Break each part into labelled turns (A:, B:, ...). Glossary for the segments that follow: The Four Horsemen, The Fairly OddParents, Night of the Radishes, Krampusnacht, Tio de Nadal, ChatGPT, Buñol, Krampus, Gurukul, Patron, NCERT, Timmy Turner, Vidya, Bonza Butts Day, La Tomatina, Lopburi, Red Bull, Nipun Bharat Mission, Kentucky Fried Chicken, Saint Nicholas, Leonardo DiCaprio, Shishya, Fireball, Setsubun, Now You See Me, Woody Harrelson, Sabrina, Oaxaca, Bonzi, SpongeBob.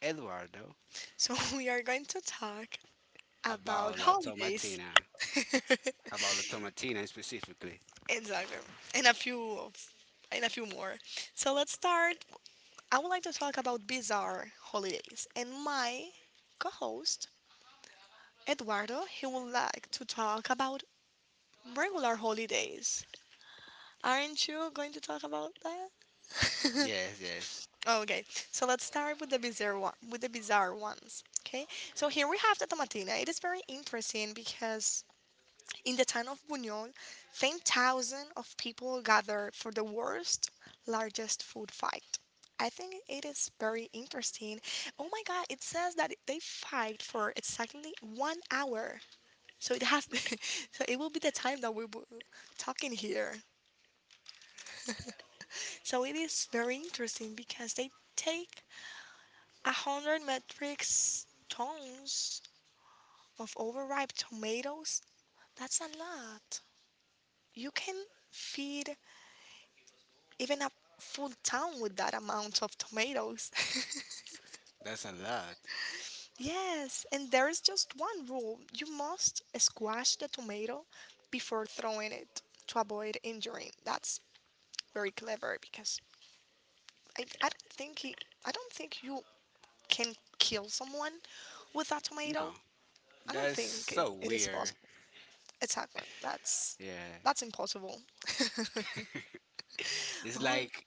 A: Eduardo.
B: So, we are going to talk
A: About
B: about
A: La
B: holidays.
A: Tomatina. About La Tomatina specifically.
B: Exactly. And a few of, and a few more. So, let's start. I would like to talk about bizarre holidays. And my co host, Eduardo, he would like to talk about regular holidays. Aren't you going to talk about that?
A: Yes, yes.
B: Oh, okay. So let's start with the bizarre one, with the bizarre ones. Okay. So here we have the tomatina. It is very interesting because in the town of Buñol, 10,000 of people gather for the worst, largest food fight. I think it is very interesting. Oh my God! It says that they fight for exactly 1 hour. So it has, so it will be the time that we will talking here. So it is very interesting because they take a hundred metric tons of overripe tomatoes? That's a lot. You can feed even a full town with that amount of tomatoes.
A: That's a lot.
B: Yes, and there is just one rule. You must squash the tomato before throwing it to avoid injury. That's very clever because I, I don't think he, I don't think you can kill someone with that
A: No,
B: tomato. I don't
A: that's
B: think it,
A: so
B: it is
A: weird.
B: possible. Exactly. That's
A: Yeah,
B: that's impossible.
A: it's
B: Oh,
A: like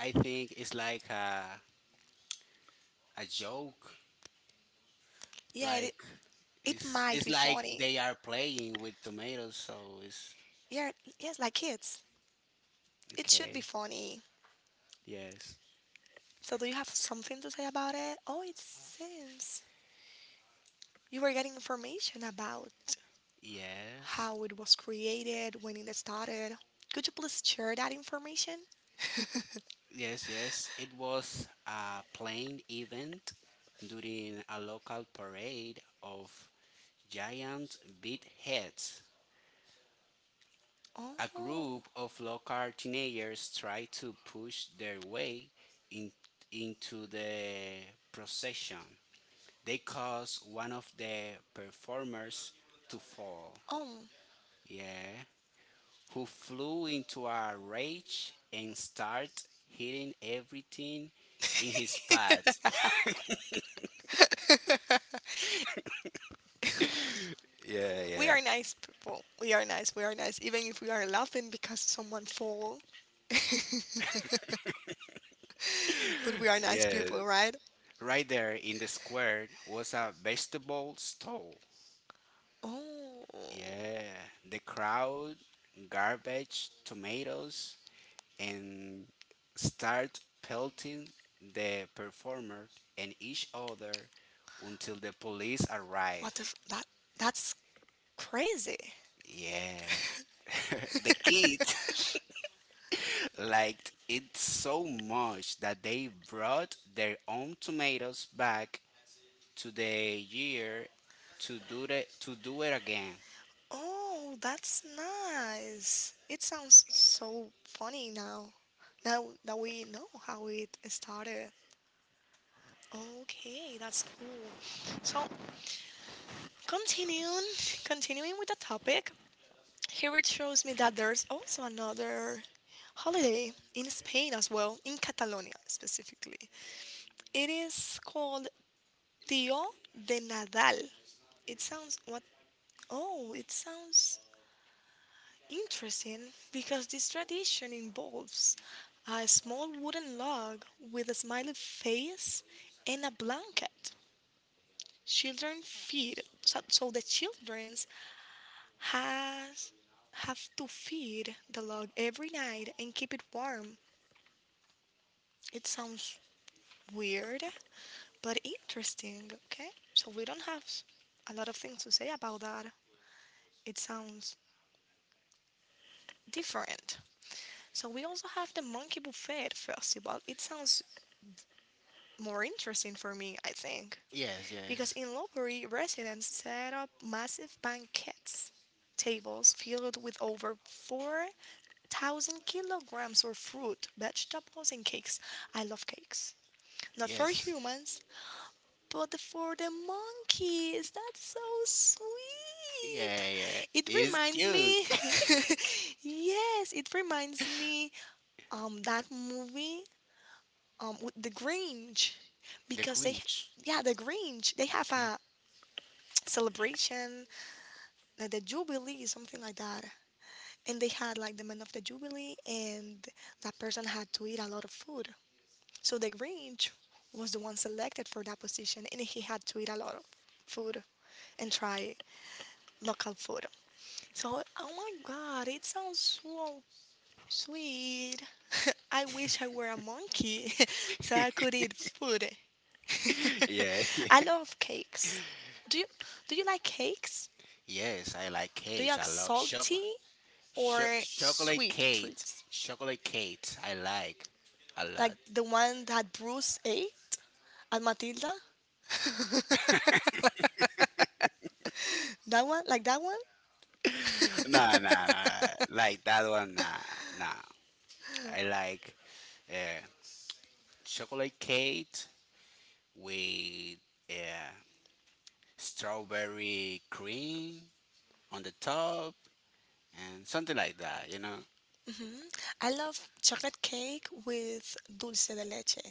A: I think it's like a joke.
B: yeah, it,
A: Like
B: it
A: it's
B: might be
A: like
B: funny.
A: they are playing with tomatoes, so it's
B: Yeah, yes, like kids. It should
A: okay.
B: be funny.
A: Yes,
B: So do you have something to say about it? Oh, it seems you were getting information about
A: yes.
B: how it was created, when it started. Could you please share that information?
A: Yes, yes. It was a plane event during a local parade of giant beadheads. A group
B: Oh.
A: of local teenagers tried to push their way in, into the procession. They caused one of the performers to fall.
B: Oh.
A: Yeah. Who flew into a rage and started hitting everything in his path. Yeah, yeah,
B: We are nice people. We are nice. We are nice. Even if we are laughing because someone fall, but we are nice
A: yeah.
B: people, right?
A: Right there in the square was a vegetable stall.
B: Oh,
A: Yeah, the crowd, garbage, tomatoes, and start pelting the performer and each other until the police
B: what
A: arrive.
B: the f- that that's crazy.
A: Yeah. The kids liked it so much that they brought their own tomatoes back to the year to do it again.
B: Oh, that's nice. It sounds so funny now. Now that we know how it started. Okay, that's cool. So, continuing, continuing with the topic, here it shows me that there's also another holiday in Spain as well, in Catalonia specifically. It is called Tio de Nadal. It sounds what? Oh, it sounds interesting because this tradition involves a small wooden log with a smiley face and a blanket. Children feed, so, so the children has have to feed the log every night and keep it warm. It sounds weird, but interesting, okay? So we don't have a lot of things to say about that. It sounds different. So we also have the Monkey Buffet Festival. It sounds more interesting for me, I think,
A: Yes,
B: because
A: yes,
B: in Lopburi, residents set up massive banquets tables filled with over 4,000 kilograms of fruit, vegetables, and cakes. I love cakes. Not for
A: yes.
B: humans, but for the monkeys, that's so sweet.
A: Yeah, yeah. It
B: It
A: is
B: reminds
A: cute.
B: me, yes, it reminds me that movie with the Grinch,
A: The
B: because they
A: Grinch.
B: yeah, the Grinch, they have
A: Okay.
B: a celebration like the Jubilee, something like that, and they had like the man of the Jubilee, and that person had to eat a lot of food, so the Grinch was the one selected for that position, and he had to eat a lot of food and try it. Local food. So, oh my god, it sounds so sweet. I wish I were a monkey so I could eat food.
A: Yeah, yeah.
B: I love cakes. Do you do you like cakes?
A: Yes, I like
B: Do you
A: cakes. I
B: like
A: love chocolate.
B: salty or
A: Chocolate
B: sweet
A: cake.
B: treats?
A: Chocolate cake. I like a lot.
B: Like the one that Bruce ate at Matilda? That one? Like that one?
A: Nah, nah, nah. Like that one, nah, nah. I like uh, chocolate cake with uh, strawberry cream on the top and something like that, you know?
B: I love chocolate cake with dulce de leche.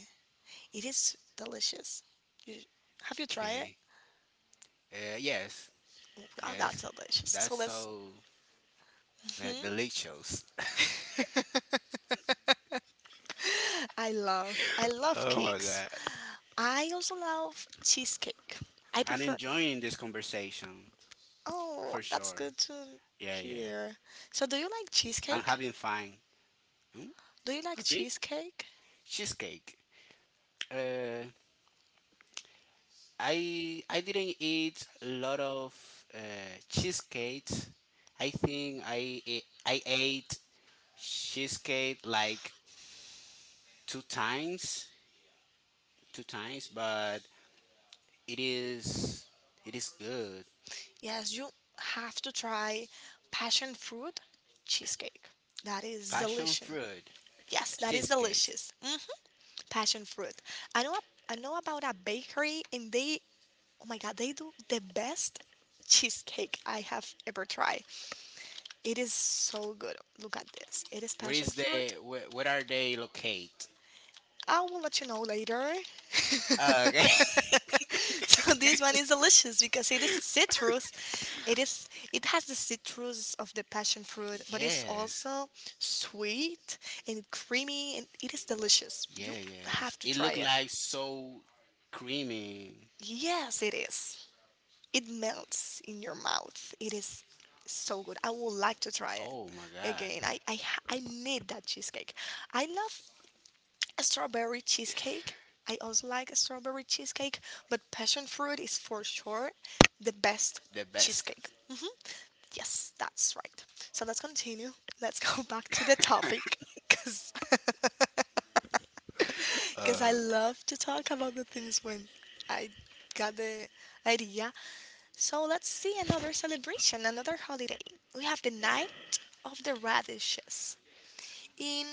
B: It is delicious. You, have you tried it?
A: Okay. Yes,
B: Oh, that's
A: yes.
B: delicious.
A: That's
B: So that's.
A: so delicious.
B: I love
A: Oh my God.
B: cakes. I also love cheesecake. I
A: I'm
B: prefer.
A: enjoying this conversation for
B: Oh, that's
A: sure.
B: good to
A: Yeah, yeah.
B: hear. So do you like
A: I'm
B: cheesecake?
A: having fun. Hmm?
B: Do you like
A: Repeat?
B: cheesecake?
A: Cheesecake. Uh, I didn't eat a lot of uh, cheesecake. I think I ate cheesecake like two times, two times, but it is it is good.
B: Yes, you have to try passion fruit cheesecake. That is
A: Passion
B: delicious.
A: fruit
B: Yes, that is
A: cheesecake.
B: delicious. Hmm. Passion fruit. I know I know about a bakery and they, oh my god, they do the best cheesecake I have ever tried. It is so good. Look at this. It is
A: Where is
B: passion fruit.
A: the where, where are they located?
B: I will let you know later. So
A: Okay.
B: this one is delicious because it is citrus. It has the citrus of the passion fruit, but it's
A: Yes.
B: also sweet and creamy and it is delicious.
A: Yeah,
B: You
A: yes.
B: have to
A: It
B: try
A: looked
B: it.
A: like so creamy.
B: Yes, it is. It melts in your mouth. It is so good. I would like to try it
A: Oh my God,
B: again. I need that cheesecake. I love strawberry cheesecake. I also like strawberry cheesecake, but passion fruit is for sure the best
A: the best.
B: cheesecake. Hmm. Yes, that's right. So let's continue. Let's go back to the topic because
A: Uh,
B: I love to talk about the things when I got the idea. So let's see another celebration, another holiday. We have the Night of the Radishes. In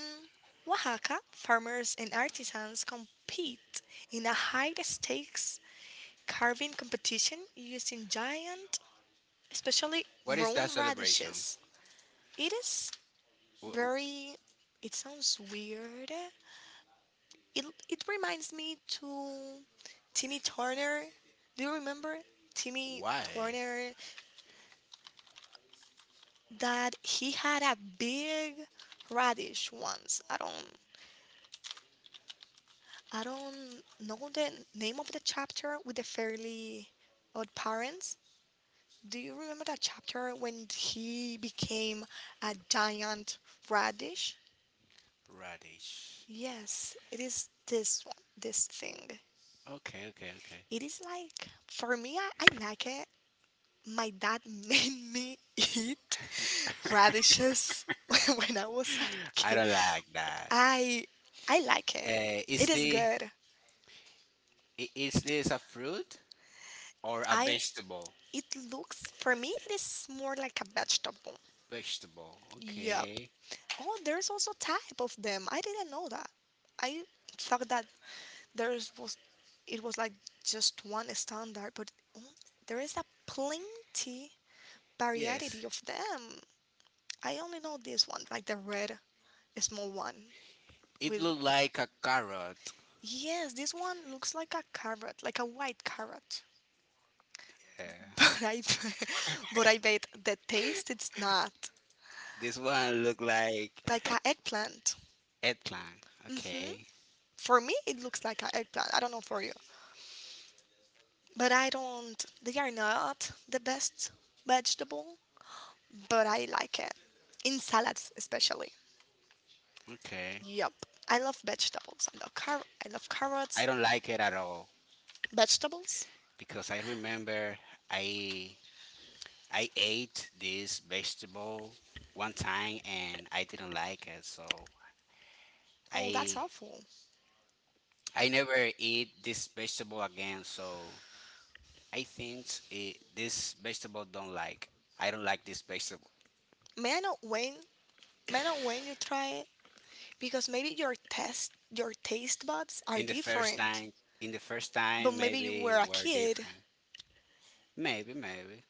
B: Oaxaca, farmers and artisans compete in a high stakes carving competition using giant, especially
A: what is that
B: grown
A: celebration?
B: radishes. It is
A: Wh-
B: very, it sounds weird. It reminds me to Timmy Turner. Do you remember Timmy
A: Why?
B: Turner, that he had a big radish once? I don't know the name of the chapter with the fairly odd parents. Do you remember that chapter when he became a giant radish?
A: Radish.
B: Yes, it is this one, this thing.
A: Okay, okay, okay.
B: It is like for me I like it. My dad made me eat radishes when I was a
A: I
B: kid.
A: don't like that.
B: I like it.
A: Uh, is
B: It is
A: the
B: good.
A: is this a fruit or a
B: I
A: vegetable?
B: it Looks for me it is more like a vegetable.
A: Vegetable.
B: Yep.
A: Okay.
B: Oh, there's also type of them. I didn't know that. I thought that there's was it was like just one standard, but oh, there is a plenty
A: Yes.
B: variety of them. I only know this one, like the red, a small one
A: It
B: with,
A: looked like a carrot.
B: yes, this one looks like a carrot, like a white carrot.
A: Yeah.
B: but I but I bet the taste it's not
A: This one look like
B: like an eggplant.
A: eggplant.
B: Hmm?
A: Okay.
B: For me it looks like an eggplant, I don't know for you, but I don't they are not the best vegetable, but I like it in salads especially.
A: Okay.
B: Yup, I love vegetables, I love I love
A: I
B: carrots,
A: don't like it at all
B: vegetables.
A: because I remember I I ate this vegetable one time and I didn't like it, so
B: Oh that's
A: I
B: awful.
A: I never eat this vegetable again. So I think it, this vegetable don't like. I don't like this vegetable.
B: may i know when may I know when you try, because maybe your test your taste buds are
A: In the first
B: different,
A: time, in the first
B: but
A: time,
B: maybe you
A: maybe
B: were a
A: were
B: kid.
A: different. Maybe, maybe.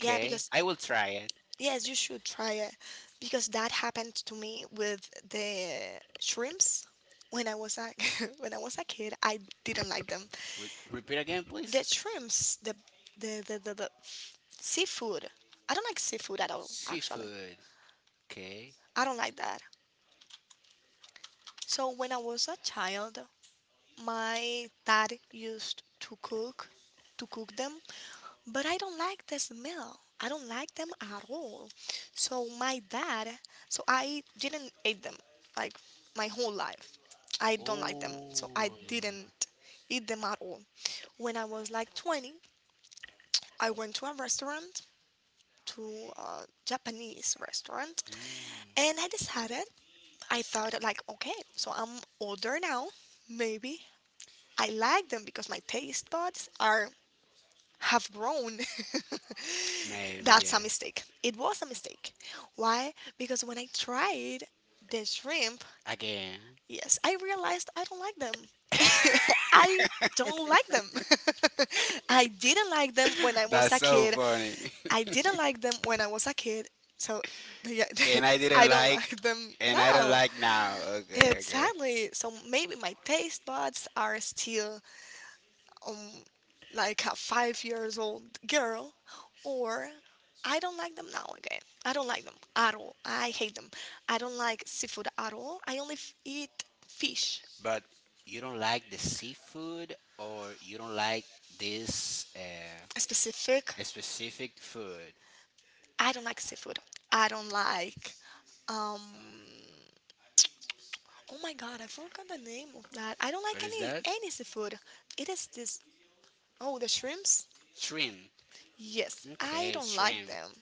B: Yeah because,
A: I will try it.
B: yes you should try it, because that happened to me with the shrimps when I was a when I was a kid, I didn't like them.
A: Wait, repeat again,
B: The
A: please.
B: shrimps the seafood. I don't like seafood at all actually.
A: Seafood. Okay.
B: I don't like that. So when I was a child, my dad used to cook them, but I don't like the smell. I don't like them at all. So my dad, so I didn't eat them like my whole life. I don't like them. So I
A: Oh.
B: didn't eat them at all. When I was like 20, I went to a restaurant, to a Japanese restaurant,
A: Mm.
B: and I thought, like, okay, so I'm older now, maybe I like them because my taste buds are have grown.
A: Maybe,
B: That's a
A: yeah.
B: mistake. It was a mistake. Why? Because when I tried the shrimp,
A: Again.
B: yes, I realized I don't like them. I don't like them. I didn't like them when I was
A: That's
B: a
A: so
B: kid.
A: funny.
B: I didn't like them when I was a kid. So yeah,
A: And I didn't
B: I don't
A: like,
B: like them
A: and I don't
B: now.
A: like now. Okay, okay.
B: Exactly. So maybe my taste buds are still um, like a 5 years old girl, or I don't like them now again. I don't like them at all. I hate them. I don't like seafood at all. I only eat fish.
A: But you don't like the seafood or you don't like this
B: Specific.
A: specific food.
B: I don't like seafood. I don't like. Um, oh my god, I forgot the name of that. I don't
A: What
B: like
A: is that?
B: any seafood. It is this. Oh, the shrimps.
A: Shrimp.
B: Yes, I
A: Okay,
B: don't like
A: shrimp.
B: them.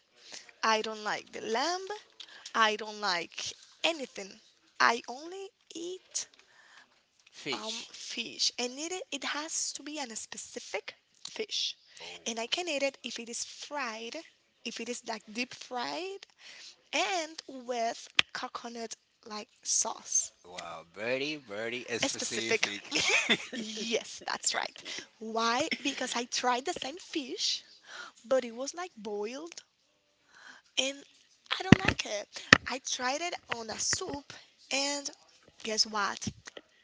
B: I don't like the lamb. I don't like anything. I only eat
A: Fish.
B: fish, and it has to be an specific fish,
A: Oh,
B: and I can eat it if it is fried, if it is like deep fried, and with coconut like sauce.
A: wow. Very, very
B: A specific.
A: specific.
B: Yes, that's right. Why? Because I tried the same fish, but it was like boiled and I don't like it. I tried it on a soup, and guess what?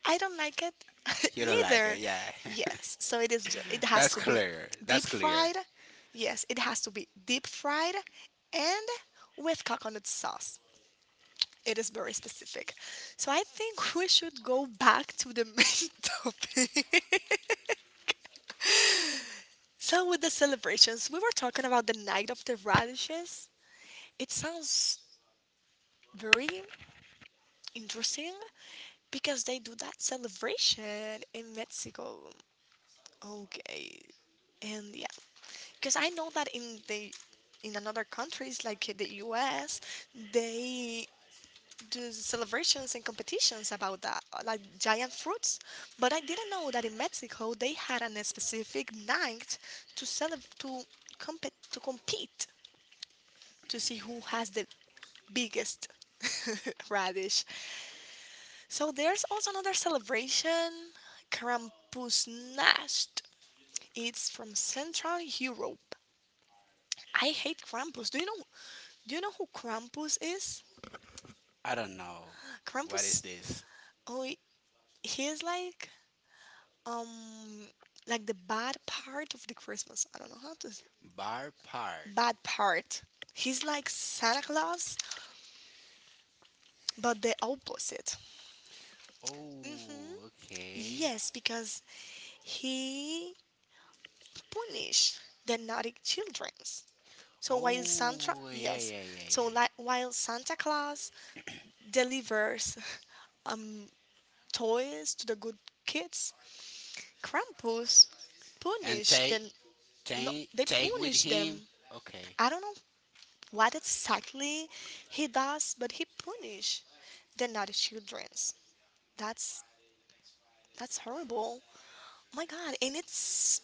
B: I don't like it
A: You don't like
B: neither.
A: it, yeah.
B: Yes, so it is. It has
A: That's
B: to
A: clear.
B: deep
A: That's clear.
B: fried. Yes, it has to be deep fried, and with coconut sauce. It is very specific. So I think we should go back to the main topic. So, with the celebrations, we were talking about the night of the radishes. It sounds very interesting, because they do that celebration in Mexico. Okay, and yeah, because I know that in the in another countries like the U.S., they do celebrations and competitions about that, like giant fruits. But I didn't know that in Mexico they had an a specific night to celebrate to compete to see who has the biggest radish. So there's also another celebration, Krampusnacht. It's from Central Europe. I hate Krampus. Do you know? Do you know who Krampus is?
A: I don't know. What is
B: Krampus.
A: this?
B: Oh, he's um, like the bad part of the Christmas. I don't know how to.
A: Bar part.
B: Bad part. He's like Santa Claus, but the opposite. Hmm.
A: Oh, okay.
B: Yes, because he punish the naughty children. So while Santa,
A: Oh, yeah,
B: yes,
A: yeah, yeah,
B: so
A: yeah,
B: like while Santa Claus
A: yeah.
B: delivers um toys to the good kids, Krampus
A: And
B: punish them. No, they
A: take with
B: punish them.
A: him. Okay.
B: I don't know what exactly he does, but he punish the naughty childrens. That's that's horrible. My God, and it's.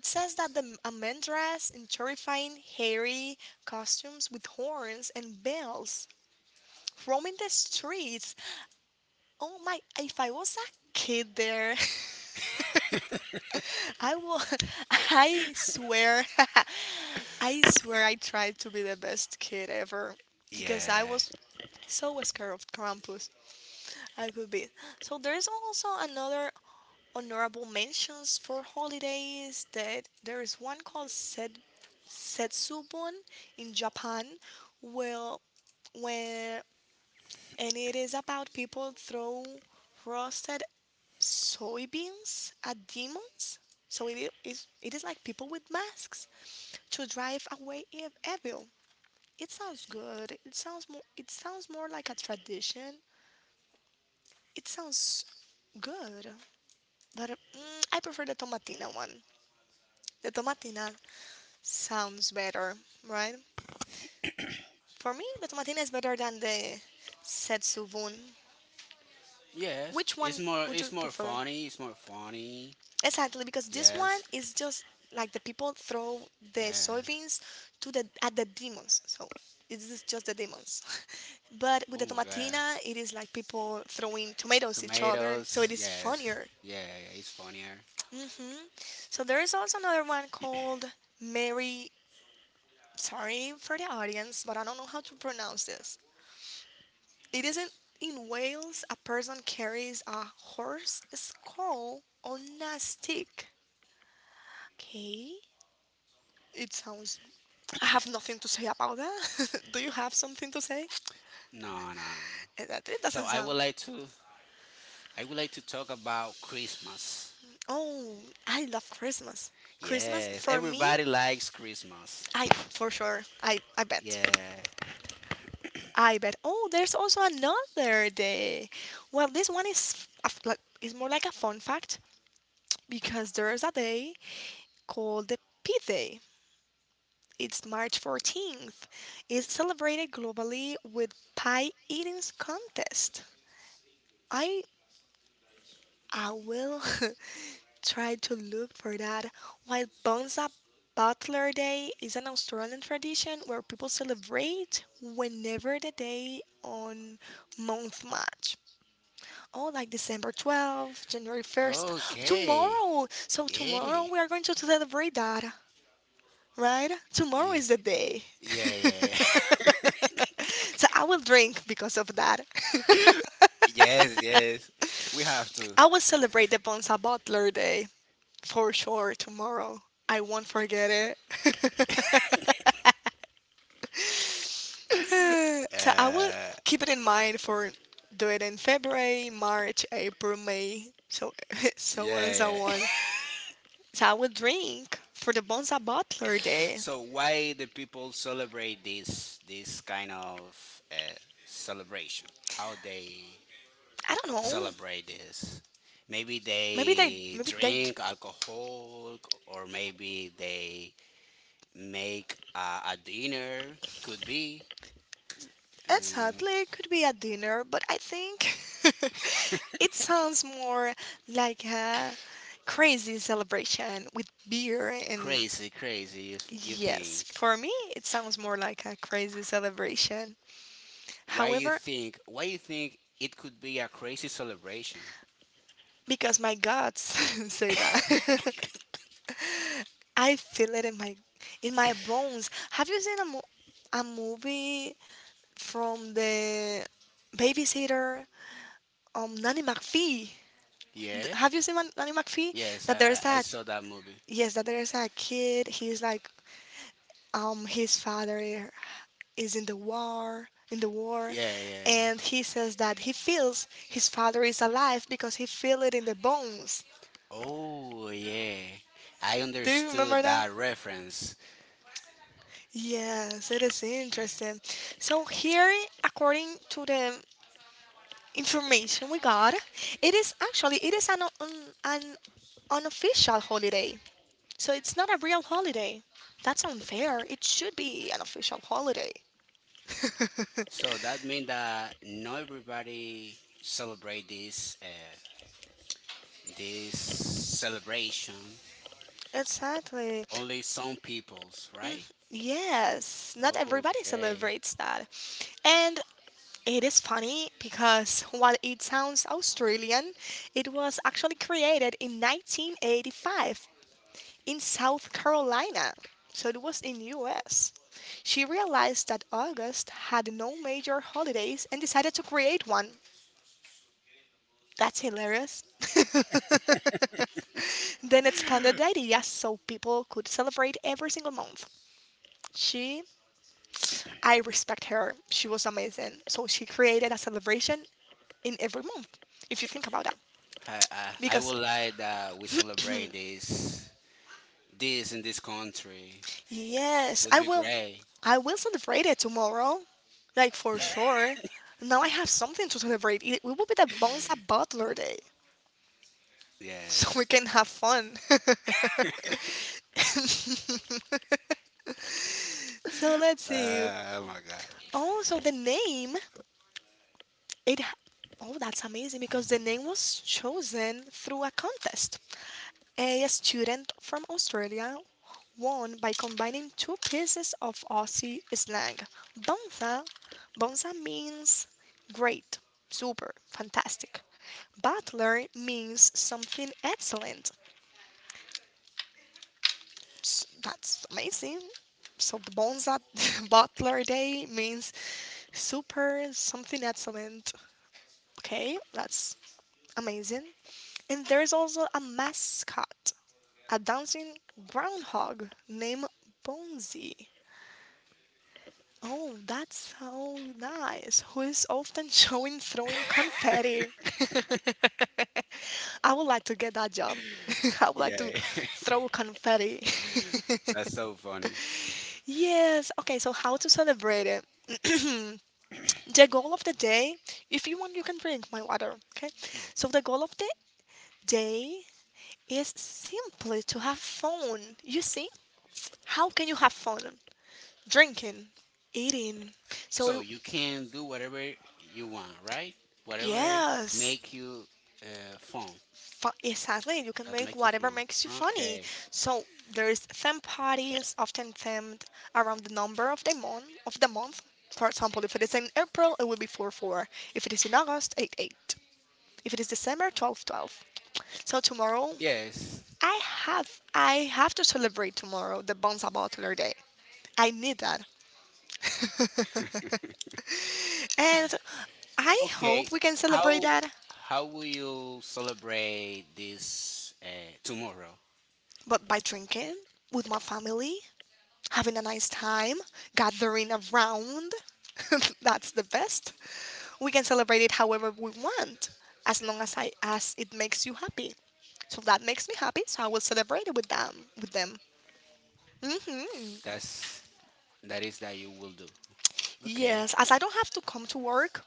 B: It says that the a man dressed in terrifying, hairy costumes with horns and bells roaming the streets. Oh my, if I was a kid there, I will, I swear, I swear I tried to be the best kid ever because I
A: Yeah.
B: was so scared of Krampus. I could be. So there's also another honorable mentions for holidays that there is one called Setsubun in Japan, well, where and it is about people throw roasted soybeans at demons. So it is like people with masks to drive away evil. It sounds good. It sounds more like a tradition. It sounds good, but I prefer the tomatina one. The tomatina sounds better, right? For me, the tomatina is better than the setsuvun.
A: Yes.
B: Which one
A: It's more.
B: would you
A: It's more
B: prefer?
A: funny. It's more funny.
B: Exactly, because this one
A: Yes.
B: is just like the people throw
A: Yeah.
B: the soybeans to the at the demons. So it is just the demons. But with
A: Oh
B: the
A: my God.
B: tomatina, it is like people throwing tomatoes each other. So
A: Tomatoes.
B: it is
A: Yes.
B: funnier.
A: Yeah, yeah, it's funnier.
B: Hmm. So there is also another one called Mary. Sorry for the audience, but I don't know how to pronounce this. It isn't in Wales. A person carries a horse skull on a stick. Okay. It sounds I have nothing to say about that. Do you have something to say?
A: No, no, no.
B: Eh, that it
A: So
B: doesn't
A: I
B: sound.
A: would like to. I would like to talk about Christmas.
B: Oh, I love Christmas. Christmas
A: Yes,
B: for me,
A: everybody likes Christmas.
B: I for sure. I bet.
A: Yeah.
B: I bet. Oh, there's also another day. Well, this one is a like is more like a fun fact because there's a day called the Pie Day. It's March 14th. It's celebrated globally with pie eating contest. I I will tried to look for that. While Bonza Butler Day is an Australian tradition where people celebrate whenever the day on month match. Oh, like December 12th, January 1st,
A: Okay.
B: tomorrow. So, tomorrow
A: Yay.
B: we are going to celebrate that, right? Tomorrow
A: Yeah.
B: is the day.
A: Yeah, yeah, yeah.
B: So, I will drink because of that.
A: Yes, yes. We have to.
B: I will celebrate the Bonza Butler Day for sure tomorrow. I won't forget it. So I will
A: Uh,
B: keep it in mind for do it in February, March, April, May, so so on so
A: yeah, yeah.
B: on. So I will drink for the Bonza Butler Day.
A: So why the people celebrate this kind of celebration? How they
B: I don't know.
A: celebrate this. Maybe
B: Maybe they
A: they
B: maybe they
A: drink alcohol, or maybe they make a dinner. Could be um,
B: exactly it could be a dinner, but I think it sounds more like a crazy celebration with beer and
A: crazy, crazy. You
B: yes,
A: think?
B: for me, it sounds more like a crazy celebration.
A: Why you
B: However,
A: think? Why you think it could be a crazy celebration?
B: because my guts say that. I feel it in my bones. Have you seen a a movie from the babysitter Nanny McPhee?
A: Yeah.
B: Have you seen Nanny McPhee?
A: Yes,
B: That there's
A: I
B: a
A: saw that movie.
B: yes, that there's a kid. He's like his father is in the war
A: Yeah, yeah.
B: and he says that he feels his father is alive because he feel it in the bones.
A: Oh, yeah. I
B: Do you remember
A: understood
B: that?
A: that reference.
B: Yes, it is interesting. So here according to the information we got it is actually it is an un- an unofficial holiday, so it's not a real holiday. That's unfair. It should be an official holiday.
A: So that means that not everybody celebrate this celebration.
B: Exactly.
A: Only some peoples, right?
B: Yes, not everybody
A: Okay.
B: celebrates that. And it is funny because while it sounds Australian, it was actually created in 1985 in South Carolina. So it was in US. She realized that August had no major holidays and decided to create one. That's hilarious. Then expanded the idea so people could celebrate every single month. She I respect her. She was amazing. So she created a celebration in every month. If you think about that,
A: I
B: because
A: would like that we celebrate this in this country.
B: yes,
A: Would be great.
B: I will celebrate it tomorrow, like for sure. Now I have something to celebrate. It will be the Bonza Butler Day,
A: Yes.
B: so we can have fun. So let's see.
A: Oh my god.
B: Oh, so the name it. Oh, that's amazing because the name was chosen through a contest. A student from Australia won by combining two pieces of Aussie slang. Bonza, bonza means great, super, fantastic. Butler means something excellent. That's amazing. So the Bonza Butler Day means super something excellent. Okay, that's amazing. And there's also a mascot. A dancing groundhog named Bonzi. Oh, that's so nice. Who is often showing throwing confetti. I would like to get that job. I would like to
A: Yeah.
B: throw confetti.
A: That's so funny.
B: Yes. Okay, so how to celebrate it? The goal of the day, if you want, you can drink my water. Okay.
A: No.
B: So the goal of the day is simply to have fun. You see, how can you have fun? Drinking, eating.
A: So
B: So
A: you can do whatever you want, right? Whatever
B: yes,
A: make you fun.
B: exactly. You can
A: That
B: make
A: make you
B: whatever
A: feel
B: makes you funny.
A: okay.
B: So there's theme parties, often themed around the number of the month. Of the month, for example, if it is in April, it will be four four. If it is in August, eight eight. If it is December, 12 12. So tomorrow,
A: Yes.
B: I I have to celebrate tomorrow the Bonza Butler Day. I need that, and I
A: Okay.
B: hope we can celebrate
A: How
B: that,
A: how will you celebrate this tomorrow?
B: but by drinking with my family having a nice time, gathering around. That's the best. We can celebrate it however we want, as long as I as it makes you happy. So that makes me happy, so I will celebrate it with them with them. Hmm.
A: That's that is that you will do. Okay.
B: Yes, as I don't have to come to work,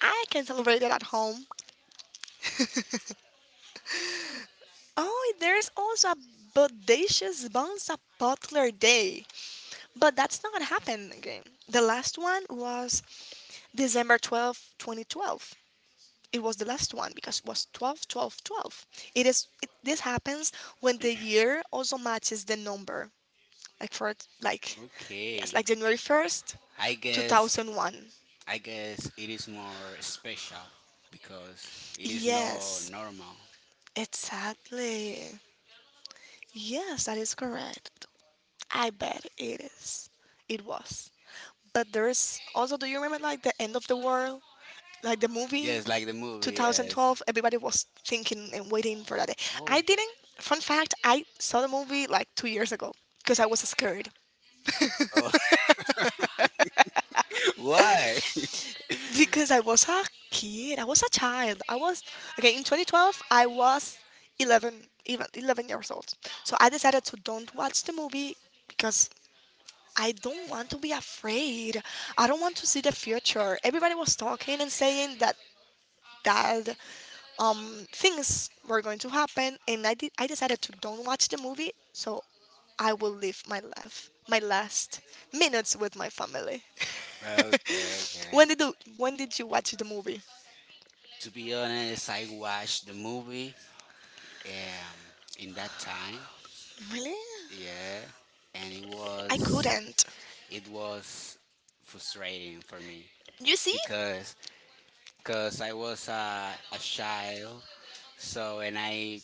B: I can celebrate it at home. Oh, there's also a bodacious Bonza Butler Day, but that's not happening again. The last one was December 12th, 2012. It was the last one because it was 12, 12, 12. This happens when the year also matches the number, like for like yes,
A: Okay.
B: like January 1st
A: I guess
B: 2001.
A: I guess it is more special because it is not
B: Yes,
A: normal.
B: exactly. Yes, that is correct. I bet it is. It was. But there's also, do you remember like the end of the world like the movie
A: Yes, like the movie. Yes.
B: 2012, everybody was thinking and waiting for that day.
A: Whoa.
B: I didn't. Fun fact: I saw the movie like 2 years ago because I was scared
A: Oh, why?
B: because I was a kid. I was a child. I was okay. In 2012, I was 11, even 11 years old. So I decided to don't watch the movie because I don't want to be afraid. I don't want to see the future. Everybody was talking and saying that that things were going to happen, and I decided to don't watch the movie, so I will live my life, my last minutes with my family.
A: Okay, okay.
B: When did you watch the movie?
A: To be honest, I watched the movie um in that time,
B: Really?
A: yeah, and it
B: I
A: was
B: couldn't.
A: it was frustrating for me,
B: You see?
A: because because I was a child, so and i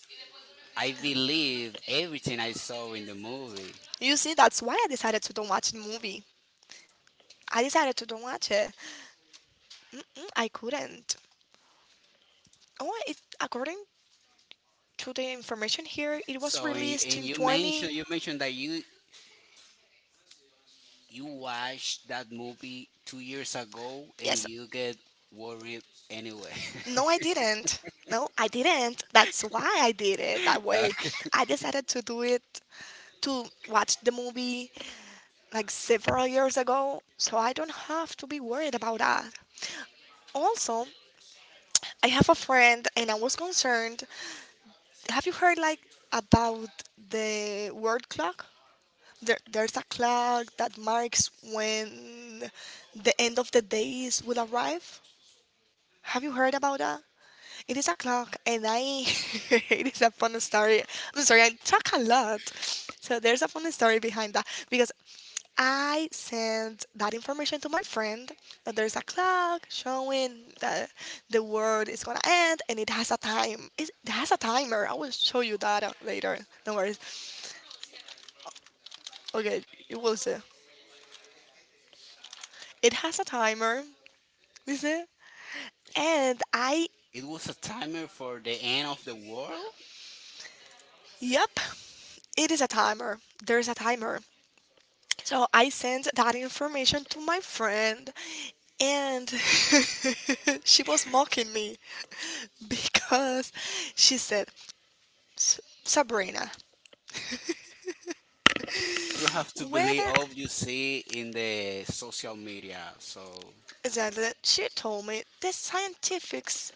A: i believe everything I saw in the movie,
B: You see, that's why I decided to don't watch the movie. I decided to don't watch it. Mm, I couldn't. According to the information here, it was
A: so and
B: released
A: and
B: in 20.
A: you mentioned that you watched that movie 2 years ago and
B: Yes.
A: you get worried anyway.
B: No, I didn't. No, I didn't. That's why I did it that way. I decided to do it to watch the movie like several years ago, so I don't have to be worried about that. Also, I have a friend and I was concerned. Have you heard like about the word clock? There's a clock that marks when the end of the days will arrive. Have you heard about that? It is a clock, and I. It is a fun story. I'm sorry, I talk a lot. So there's a fun story behind that because I sent that information to my friend that there's a clock showing that the world is gonna end and it has a time. It has a timer. I will show you that later. No worries. Okay, it will see. It has a timer. Listen. And I,
A: It was a timer for the end of the world.
B: yep, it is a timer. There's a timer. So I sent that information to my friend, and she was mocking me because she said, "S- Sabrina,
A: You have to believe
B: whether
A: all you see in the social media. So
B: that she told me the scientifics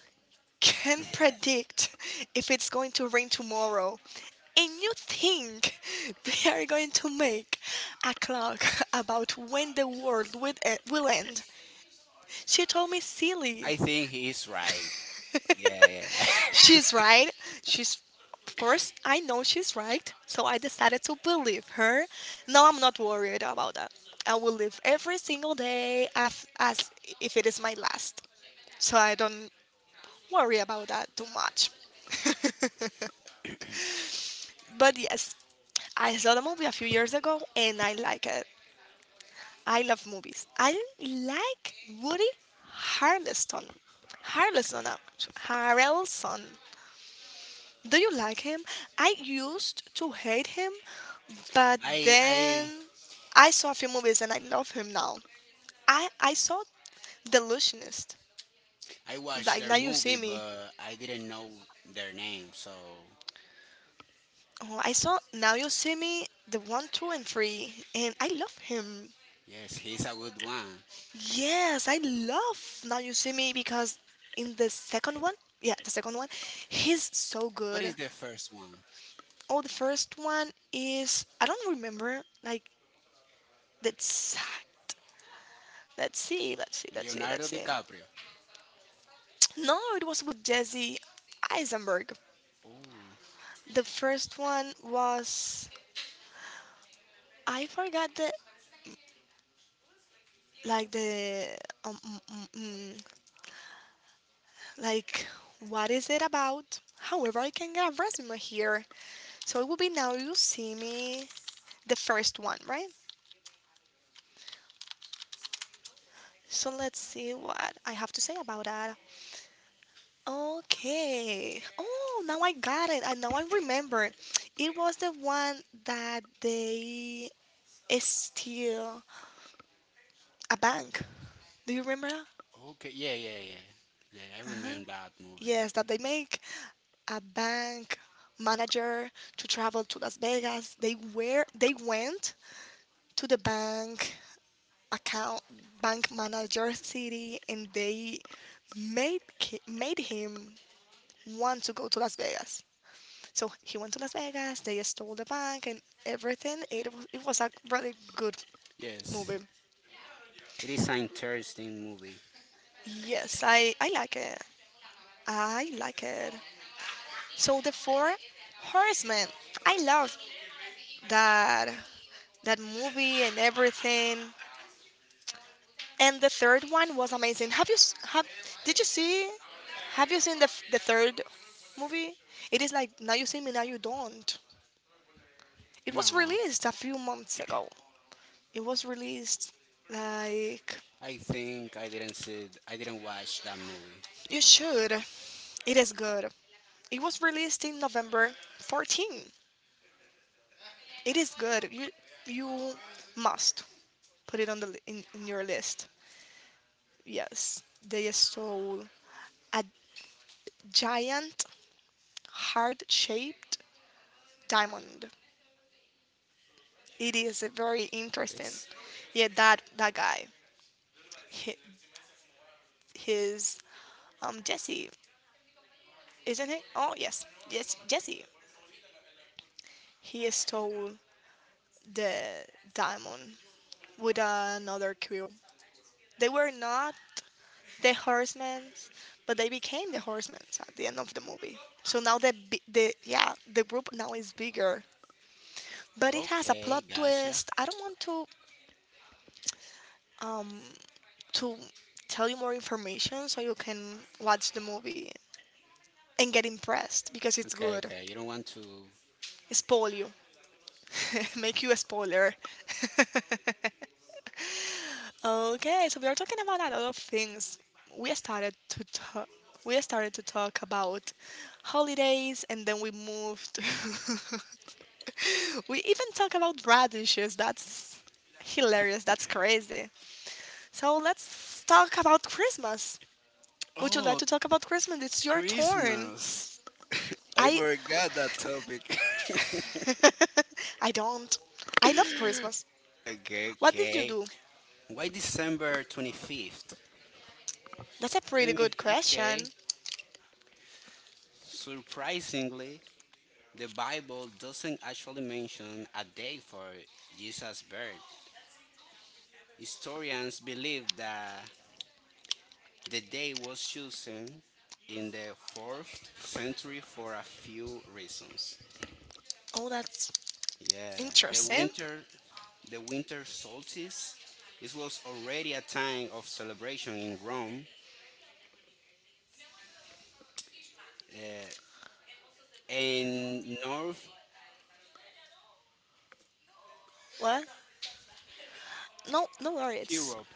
B: can predict if it's going to rain tomorrow. And you think they are going to make a clock about when the world will will end. She told me
A: I
B: silly.
A: think he is right. Yeah, yeah.
B: She's right. She's of course I know she's right. So I decided to believe her. No, I'm not worried about that. I will live every single day as if it is my last. So I don't worry about that too much. But yes, I saw the movie a few years ago and I like it. I love movies. I like Woody Harrelson. Harrelson. Do you like him? I used to hate him, but
A: I
B: then
A: I
B: I saw a few movies and I love him now. I saw Delusionist.
A: I watched
B: Like
A: their
B: Now You See
A: movie,
B: Me.
A: but I didn't know their name. So
B: Oh, I saw Now You See Me, the one, two, and three, and I love him.
A: yes, he's a good one.
B: Yes, I love Now You See Me because in the second one, yeah, the second one, he's so
A: What
B: good.
A: is the first one?
B: Oh, the first one is I don't remember like the exact. Let's see, let's see, let's see, let's
A: Leonardo
B: see.
A: DiCaprio.
B: No, it was with Jesse Eisenberg.
A: Oh,
B: The first one was I forgot the like the um, mm, mm, mm, like what is it about? However, I can get a resume here. So it will be now you see me the first one, right? So let's see what I have to say about that. Okay. Oh, now I got it. And now I remember. It was the one that they steal a bank. Do you remember?
A: okay. Yeah, yeah, yeah. Yeah, I remember that movie.
B: Yes, that they make a bank manager to travel to Las Vegas. They went to the bank account bank manager city and they made him want to go to Las Vegas. So he went to Las Vegas, they stole the bank and everything. It was a really good
A: Yes,
B: movie.
A: it is an interesting movie.
B: Yes, I like it. I like it. So the four horsemen. I love that that movie and everything. And the third one was amazing. Have you s- have did you see? Have you seen the third movie? It is like now you see me, now you don't. It
A: No.
B: was released a few months ago. It was released like
A: I think I didn't see. It- I didn't watch that movie.
B: you should. It is good. It was released in November 14th. It is good. You must put it on in your list. Yes, they stole a giant heart-shaped diamond. It is very interesting.
A: This.
B: Yeah, that guy, hi- his Jesse, isn't it? Oh yes, yes Jesse. He stole the diamond with another crew. They were not the horsemen, but they became the horsemen at the end of the movie. So now the bi- the yeah the group now is bigger, but it has a plot
A: Okay, gotcha.
B: twist. I don't want to tell you more information so you can watch the movie and get impressed because it's
A: Okay,
B: good.
A: okay. You don't want to.
B: Spoil you, make you a spoiler. okay, so we are talking about a lot of things. We started to talk. We started to talk about holidays, and then we moved. we even talk about radishes. That's hilarious. That's crazy. So let's talk about Christmas. Would you like
A: Oh,
B: to talk about Christmas? It's your turn.
A: Christmas. I
B: I
A: forgot that topic.
B: I don't. I love Christmas.
A: Okay,
B: What did you
A: okay.
B: do?
A: Why December 25th?
B: That's a pretty
A: Let me.
B: good question.
A: Okay. Surprisingly, the Bible doesn't actually mention a day for Jesus' birth. Historians believe that the day was chosen in the 4th century for a few reasons.
B: Oh, that's
A: Yeah, the
B: interesting.
A: winter, the winter solstice, it was already a time of celebration in Rome uh, and North
B: What? No, no worries.
A: Europe.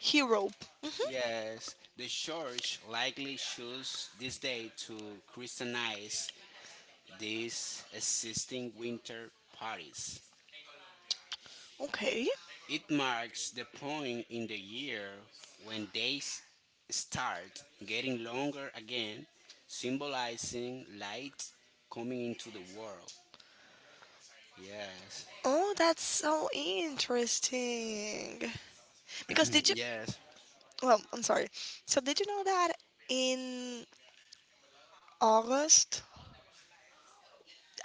B: He rope.
A: Yes, the church likely chose this day to Christianize these existing winter parties.
B: Okay.
A: It marks the point in the year when days start getting longer again, symbolizing light coming into the world. Yes.
B: Oh, that's so interesting. Because did you?
A: Yes.
B: Well, I'm sorry. So did you know that in August?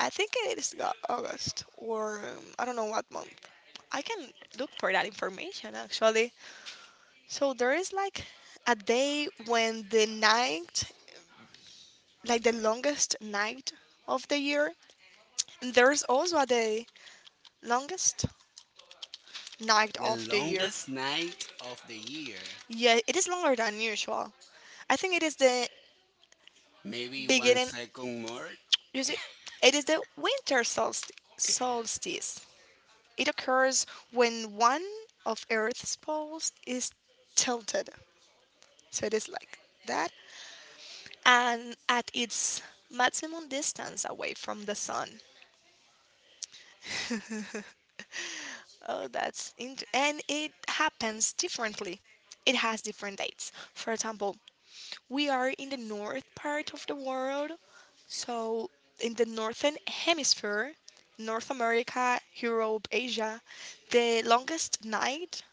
B: I think it is August or I don't know what month. I can look for that information actually. So there is like a day when the night like the longest night of the year. And there's also the longest night
A: The
B: of the year.
A: longest night of the year.
B: Yeah, it is longer than usual. I think it is the
A: Maybe one
B: beginning.
A: second more.
B: You see, it is the winter solst- solstice. It occurs when one of Earth's poles is tilted. So it is like that. And at its maximum distance away from the sun. And it happens differently. It has different dates. For example, we are in the north part of the world, so in the northern hemisphere, North America, Europe, Asia, the longest night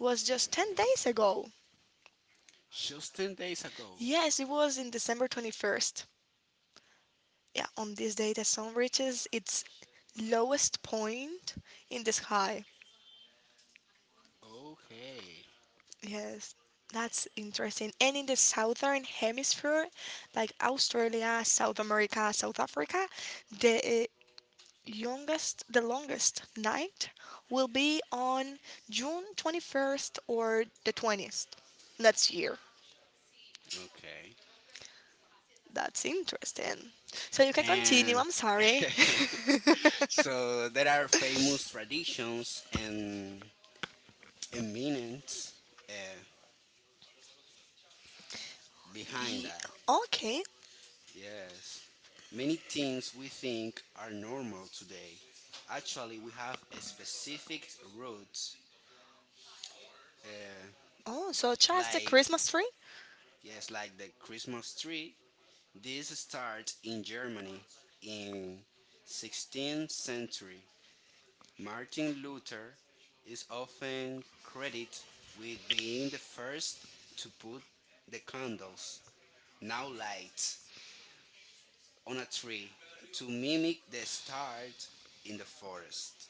B: was just 10 days ago.
A: Just 10 days ago.
B: Yes, it was in December 21st. Yeah, on this day the sun reaches its lowest point in the sky.
A: Okay.
B: Yes, that's interesting. And in the southern hemisphere, like Australia, South America, South Africa, the the longest night will be on June 21st or the 20th next year.
A: Okay.
B: That's interesting. So you can continue.
A: And
B: I'm sorry.
A: so there are famous traditions and, meanings uh, behind
B: Ye-
A: that.
B: okay.
A: Yes. Many things we think are normal today. Actually, we have a specific route, uh,
B: Oh, so just the
A: like,
B: Christmas tree?
A: yes, like the Christmas tree. This started in Germany in 16th century. Martin Luther is often credited with being the first to put the candles, now light, on a tree to mimic the stars in the forest.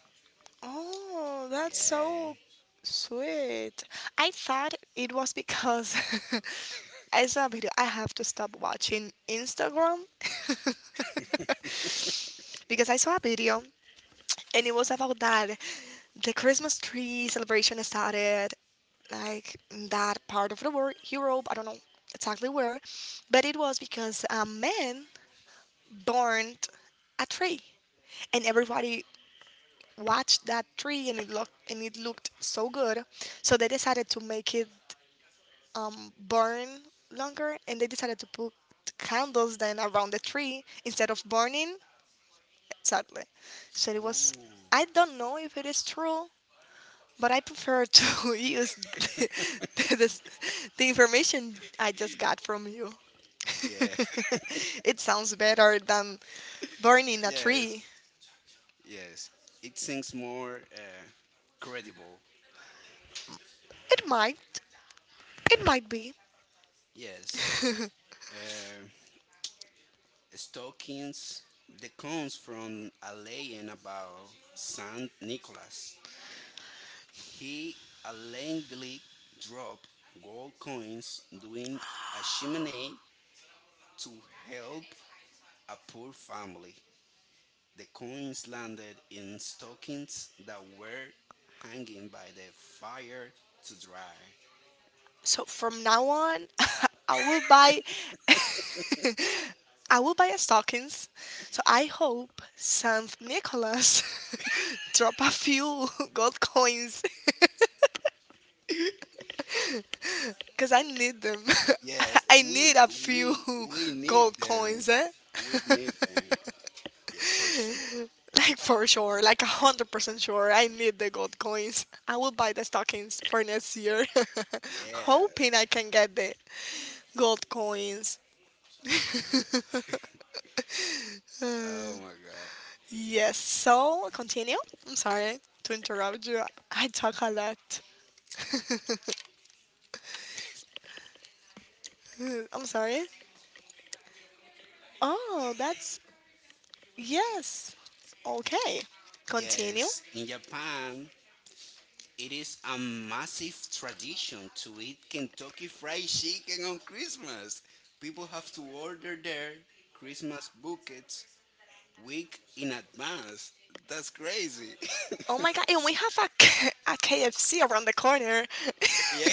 B: Oh, that's so
A: Yeah.
B: sweet. I thought it was because I saw a video, I have to stop watching Instagram because I saw a video and it was about that the Christmas tree celebration started like in that part of the world, Europe, I don't know exactly where, but it was because a man burned a tree and everybody watched that tree and it looked so good, so they decided to make it burn longer, and they decided to put candles then around the tree instead of burning. Exactly. So it was.
A: Ooh.
B: I don't know if it is true, but I prefer to use the, this- the information I just got from you.
A: Yeah.
B: it sounds better than burning a
A: Yes.
B: tree.
A: Yes. It seems more credible.
B: It might. It might be.
A: Yes. Um Stockings, that comes from a legend about Saint Nicholas. He allegedly dropped gold coins during a chimney to help a poor family. The coins landed in stockings that were hanging by the fire to dry.
B: So from now on, I will buy I will buy a stockings. So I hope Saint Nicholas drop a few gold coins because I need them.
A: Yes,
B: I need a few
A: we we need
B: gold
A: them.
B: coins, eh?
A: We need them. Yes, for sure.
B: Like for sure, like 100% sure, I need the gold coins. I will buy the stockings for next year,
A: Yeah.
B: hoping I can get the gold coins.
A: Yes. Oh my God.
B: Yes, so continue. I'm sorry to interrupt you. I talk a lot. I'm sorry. Oh, that's yes. Okay, continue.
A: Yes, in Japan, it is a massive tradition to eat Kentucky Fried Chicken on Christmas. People have to order their Christmas buckets week in advance. That's crazy.
B: Oh my god, and we have a, a KFC around the corner.
A: Yeah.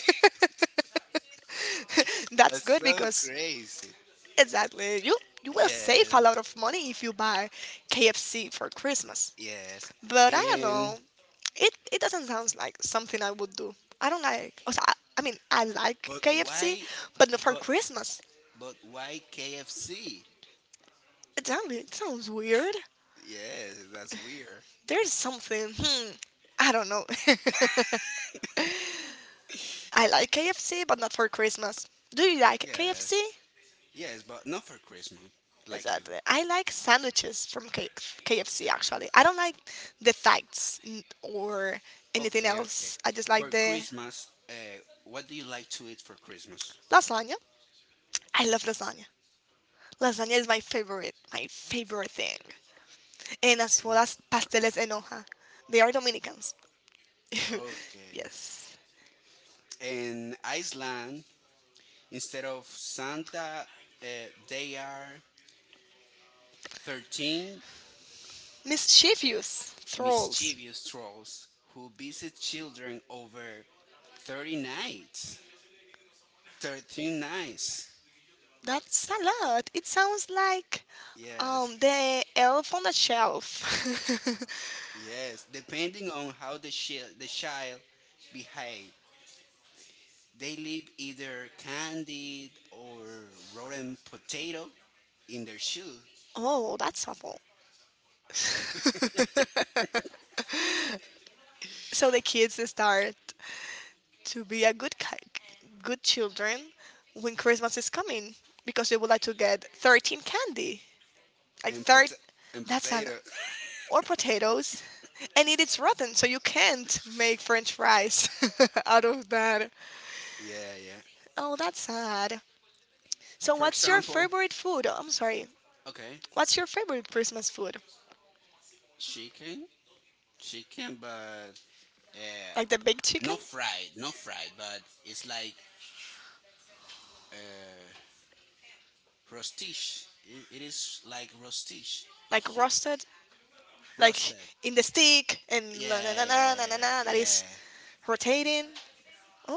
B: that's
A: That's
B: good
A: so
B: because
A: crazy.
B: exactly you will save
A: Yes,
B: a lot of money if you buy KFC for Christmas.
A: yes.
B: But I don't know.
A: And
B: It doesn't sound like something I would do. I don't like. Also, I mean, I like
A: but
B: KFC,
A: why
B: but not for
A: but
B: Christmas.
A: but why KFC?
B: Exactly. It sounds weird.
A: Yes, that's weird.
B: There's something. Hmm. I don't know. I like KFC, but not for Christmas. Do you like
A: Yes.
B: KFC?
A: Yes, but not for Christmas like you.
B: Exactly. I like sandwiches from KFC. Actually, I don't like the facts n- or anything
A: Okay, okay.
B: else. I just like
A: For
B: the
A: Christmas, what do you like to eat for Christmas?
B: lasagna. I love lasagna. Lasagna is my favorite thing. And as well
A: Okay.
B: as pasteles en hoja. They are Dominicans.
A: Okay.
B: yes.
A: In Iceland, instead of Santa, uh, they are 13
B: Mischievous trolls.
A: mischievous trolls who visit children over 30 nights. 13 nights.
B: That's a lot. It sounds like
A: Yes.
B: the elf on the shelf.
A: Yes. Depending on how the child behave. They leave either candied or rotten potato in their shoe
B: oh, that's awful. so the kids start to be good children when Christmas is coming because they would like to get 13 candy. Like
A: and
B: third
A: pota- and
B: that's an
A: potato.
B: or potatoes and it is rotten so you can't make french fries out of that.
A: Yeah, yeah.
B: Oh, that's sad. So
A: For
B: what's your
A: example,
B: favorite food? I'm sorry.
A: okay,
B: What's your favorite Christmas food?
A: chicken, chicken, but uh,
B: Like the baked chicken?
A: not fried, not fried, but it's like uh, rostish. It is like rostish.
B: Like
A: He-
B: roasted? Like
A: Roasted.
B: in the stick and na na
A: Yeah,
B: na na na na
A: yeah,
B: na that is
A: yeah,
B: rotating?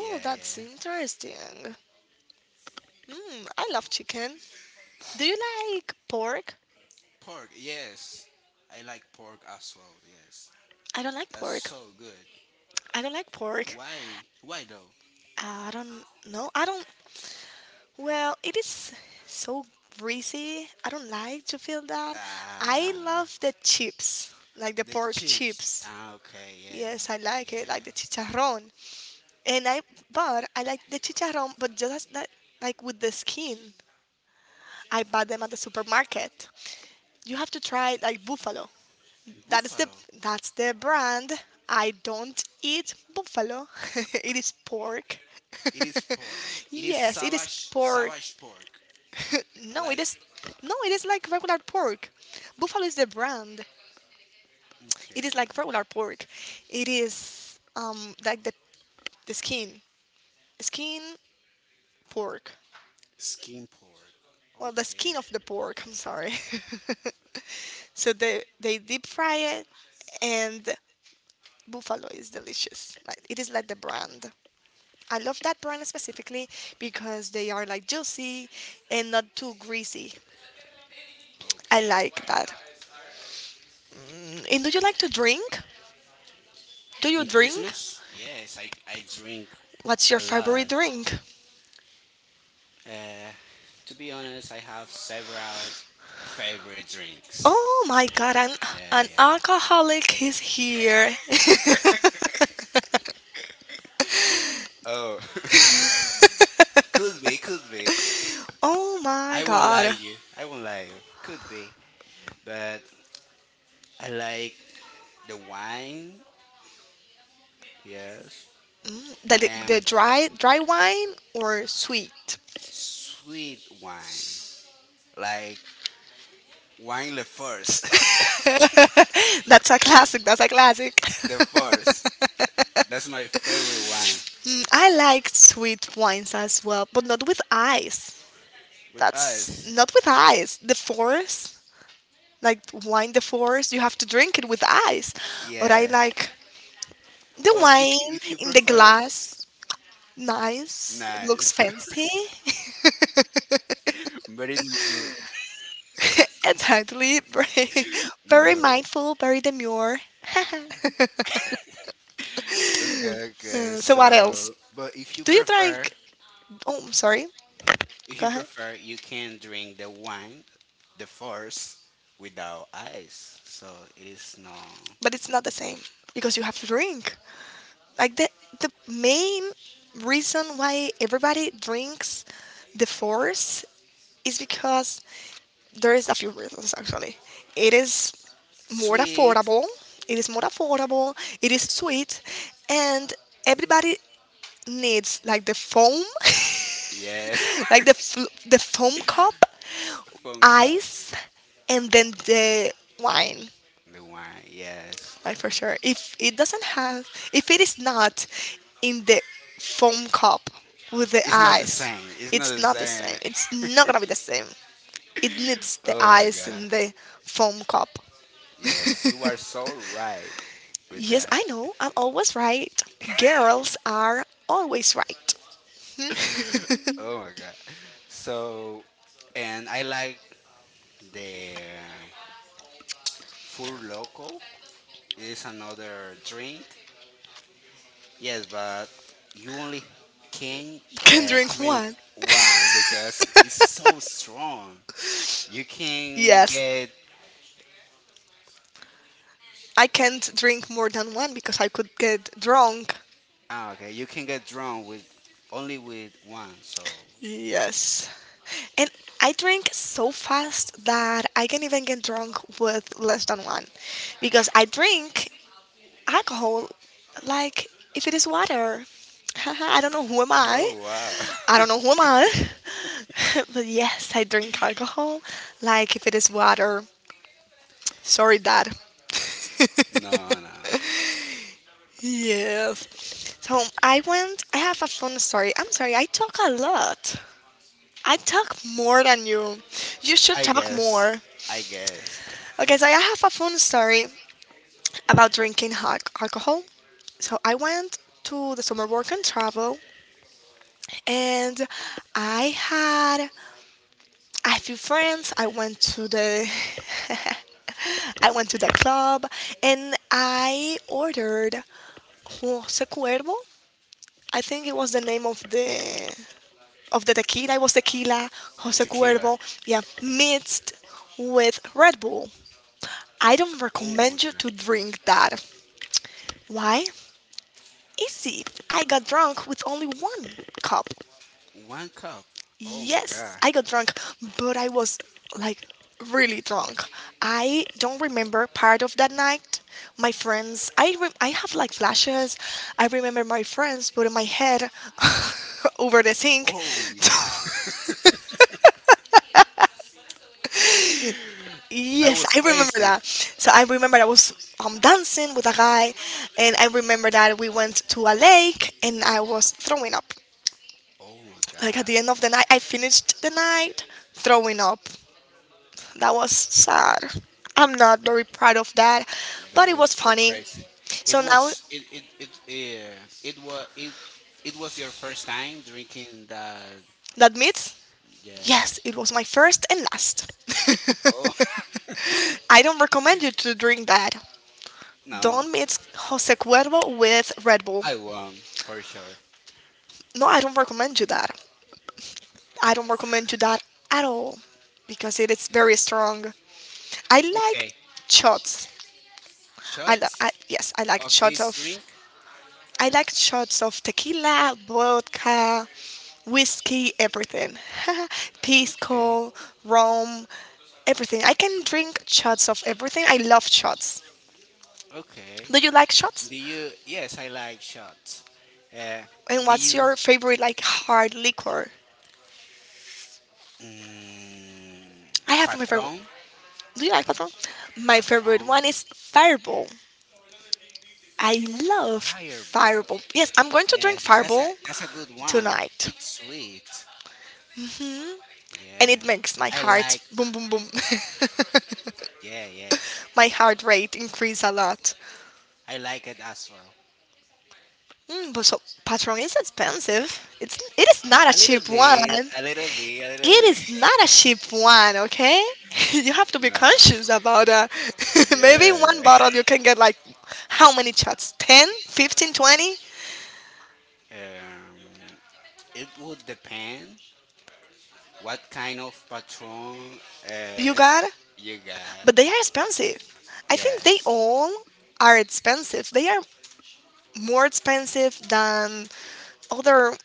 A: yeah,
B: that's
A: yeah, yeah.
B: interesting. Mm, I love chicken. Do you like pork?
A: Pork, yes. I like pork as well. Yes,
B: I don't like
A: that's
B: pork.
A: so good.
B: I don't like pork.
A: Why? Why though?
B: I don't know. I don't. Well, it is so greasy. I don't like to feel that. I
A: Ah,
B: love the chips, like the
A: the
B: pork
A: chips.
B: chips.
A: Ah, okay, yes,
B: Yes, I like it, like the
A: yeah.
B: chicharrón. And I, but I like the chicharrón, but just that, like with the skin. I buy them at the supermarket. You have to try like buffalo. That is the
A: Buffalo.
B: that's the brand. I don't eat buffalo. it is pork.
A: It is pork. It is
B: yes, it is
A: savage,
B: pork.
A: savage pork.
B: No, it
A: Like,
B: is no, it is like regular pork. Buffalo is the brand. It is
A: okay,
B: like regular pork. It is like the skin pork.
A: skin pork.
B: Well, the skin
A: Okay,
B: of the pork. I'm sorry. so they deep fry it, and buffalo is delicious. Like it is like the brand. I love that brand specifically because they are like juicy and not too greasy. I
A: okay.
B: like that. And do you like to drink? Do you
A: In
B: drink?
A: Christmas, yes, I drink
B: What's your
A: a
B: favorite
A: lot.
B: drink?
A: Uh, to be honest, I have several favorite drinks.
B: Oh my god,
A: Yeah,
B: an
A: yeah.
B: alcoholic is here.
A: Oh, could be, could be.
B: oh my
A: I won't lie
B: god.
A: you. I won't lie you. Could be, but I like the wine. Yes,
B: Mm, the
A: and
B: dry wine or sweet?
A: sweet wine, like wine le force,
B: That's a classic. That's a classic.
A: the force. That's my favorite wine
B: Mm, I like sweet wines as well, but not with ice.
A: with
B: That's
A: ice.
B: not with ice. The forest, like wine, the forest, you have to drink it with ice. But I
A: Yeah,
B: like the
A: but
B: wine
A: if you
B: in the
A: prefer,
B: glass. Nice. It looks
A: nice.
B: fancy.
A: But it, no,
B: Exactly. Very, very
A: no.
B: mindful, very demure.
A: Okay, okay.
B: So what else?
A: So, but
B: Do you drink? Oh, I'm sorry.
A: if
B: Go
A: you
B: ahead.
A: prefer, you can drink the wine, the force, without ice. So it is no
B: But it's not the same because you have to drink. Like the main reason why everybody drinks the force is because there is a few reasons actually. It is more
A: sweet.
B: affordable. It is more affordable. It is sweet, and everybody needs like the foam,
A: Yes.
B: like the foam cup,
A: Phone cup.
B: ice, and then the wine.
A: The wine. Yes.
B: Right, for sure. If it doesn't have, if it is not in the foam cup with the
A: It's not the
B: ice,
A: same. It's not
B: it's
A: the
B: not the
A: same.
B: same. It's not gonna be the same. It needs the
A: Oh my
B: ice
A: god.
B: in the foam cup.
A: Yes, you are so right with
B: Yes,
A: that.
B: I know. I'm always right. Girls are always right.
A: Oh my god. So, and I like the Fur Loco. It is another drink. Yes, but you only can
B: Can drink
A: drink
B: one.
A: one because it's so strong. You can
B: Yes.
A: get
B: I can't drink more than one because I could get drunk.
A: okay. You can get drunk with only with one. So
B: Yes. And I drink so fast that I can even get drunk with less than one because I drink alcohol like if it is water. I don't know who am I.
A: oh wow.
B: I don't know who am I. But yes, I drink alcohol like if it is water. Sorry, Dad.
A: No, no.
B: Yes. I have a fun story. I'm sorry, I talk a lot. I talk more than you. You should
A: I
B: talk
A: guess.
B: more.
A: I guess.
B: Okay, so I have a fun story about drinking hot alcohol. So I went to the summer work and travel, and I had a few friends. I went to the I went to the club, and I ordered Jose Cuervo. I think it was the name of the tequila. It was tequila Jose
A: Tequila.
B: Cuervo. Yeah, mixed with Red Bull. I don't
A: Oh my
B: recommend you
A: god.
B: to drink that. Why? Easy. I got drunk with only one cup.
A: One cup. Oh my
B: Yes,
A: god.
B: I got drunk, but I was like really drunk. I don't remember part of that night. My friends, I have like flashes. I remember my friends putting my head over the sink.
A: Oh you. That
B: Yes,
A: was
B: I remember
A: crazy.
B: that. So I remember I was dancing with a guy, and I remember that we went to a lake and I was throwing up.
A: Oh my
B: Like at
A: god.
B: the end of the night, I finished the night throwing up. That was sad. I'm not very proud of that,
A: That
B: but it
A: was
B: was
A: so
B: funny.
A: crazy. It
B: So now
A: was it it it yeah, it was your first time drinking the
B: that means,
A: yeah.
B: yes, it was my first and last.
A: Oh.
B: I don't recommend you to drink that.
A: No,
B: Don't mix Jose Cuervo with Red Bull.
A: I won for sure.
B: No, I don't recommend you that. I don't recommend you that at all because it is very strong. I
A: Okay,
B: like shots. I, lo-
A: shots
B: I yes,
A: of this drink.
B: I like shots of tequila, vodka, whiskey, everything.
A: Okay,
B: Pisco, rum, everything. I can drink shots of everything. I love shots.
A: okay.
B: Do you like shots?
A: Do you? Yes, I like shots. Uh,
B: And
A: do
B: what's
A: you?
B: your favorite like hard liquor?
A: Mm,
B: I have my favorite.
A: patron,
B: Do you like Patron? My favorite
A: patron,
B: one is Fireball. I love
A: fireball.
B: Fireball. Yes, I'm going to drink
A: Yes,
B: Fireball
A: that's a good one.
B: tonight,
A: It's sweet.
B: and
A: Yeah,
B: it makes my
A: I like.
B: heart boom, boom, boom.
A: Yeah, yeah.
B: My heart rate increased a lot.
A: I like it as well.
B: Mm, but so Patron is expensive. It is not
A: A
B: a
A: little
B: cheap one.
A: bit, a little bit, a little
B: It
A: bit.
B: is not a cheap one, okay? You have to be
A: Uh,
B: conscious about that. Maybe one
A: yeah.
B: bottle you can get like how many shots? 10, 15, 20.
A: Um, it would depend what kind of patron uh,
B: You got?
A: you got.
B: But they are expensive. I think they
A: Yes.
B: all are expensive. They are more expensive than other.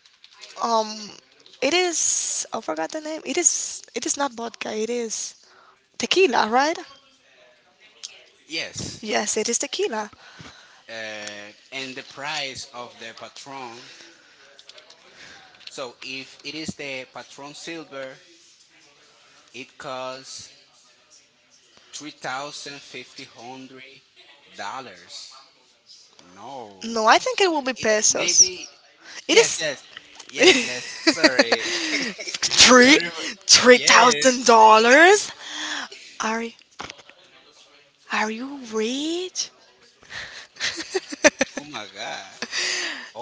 B: Um, it is. I forgot the name. It is. It is not vodka. It is tequila, right?
A: Yes.
B: Yes, it is tequila.
A: And the price of the patron. So if it is the patron silver, it costs three thousand fifty hundred dollars. No.
B: No, I think it will be
A: It
B: pesos.
A: maybe
B: It
A: yes,
B: is
A: yes, yes, yes.
B: three
A: Sorry for,
B: three
A: yeah.
B: thousand dollars. Are are you rich?
A: Oh my God.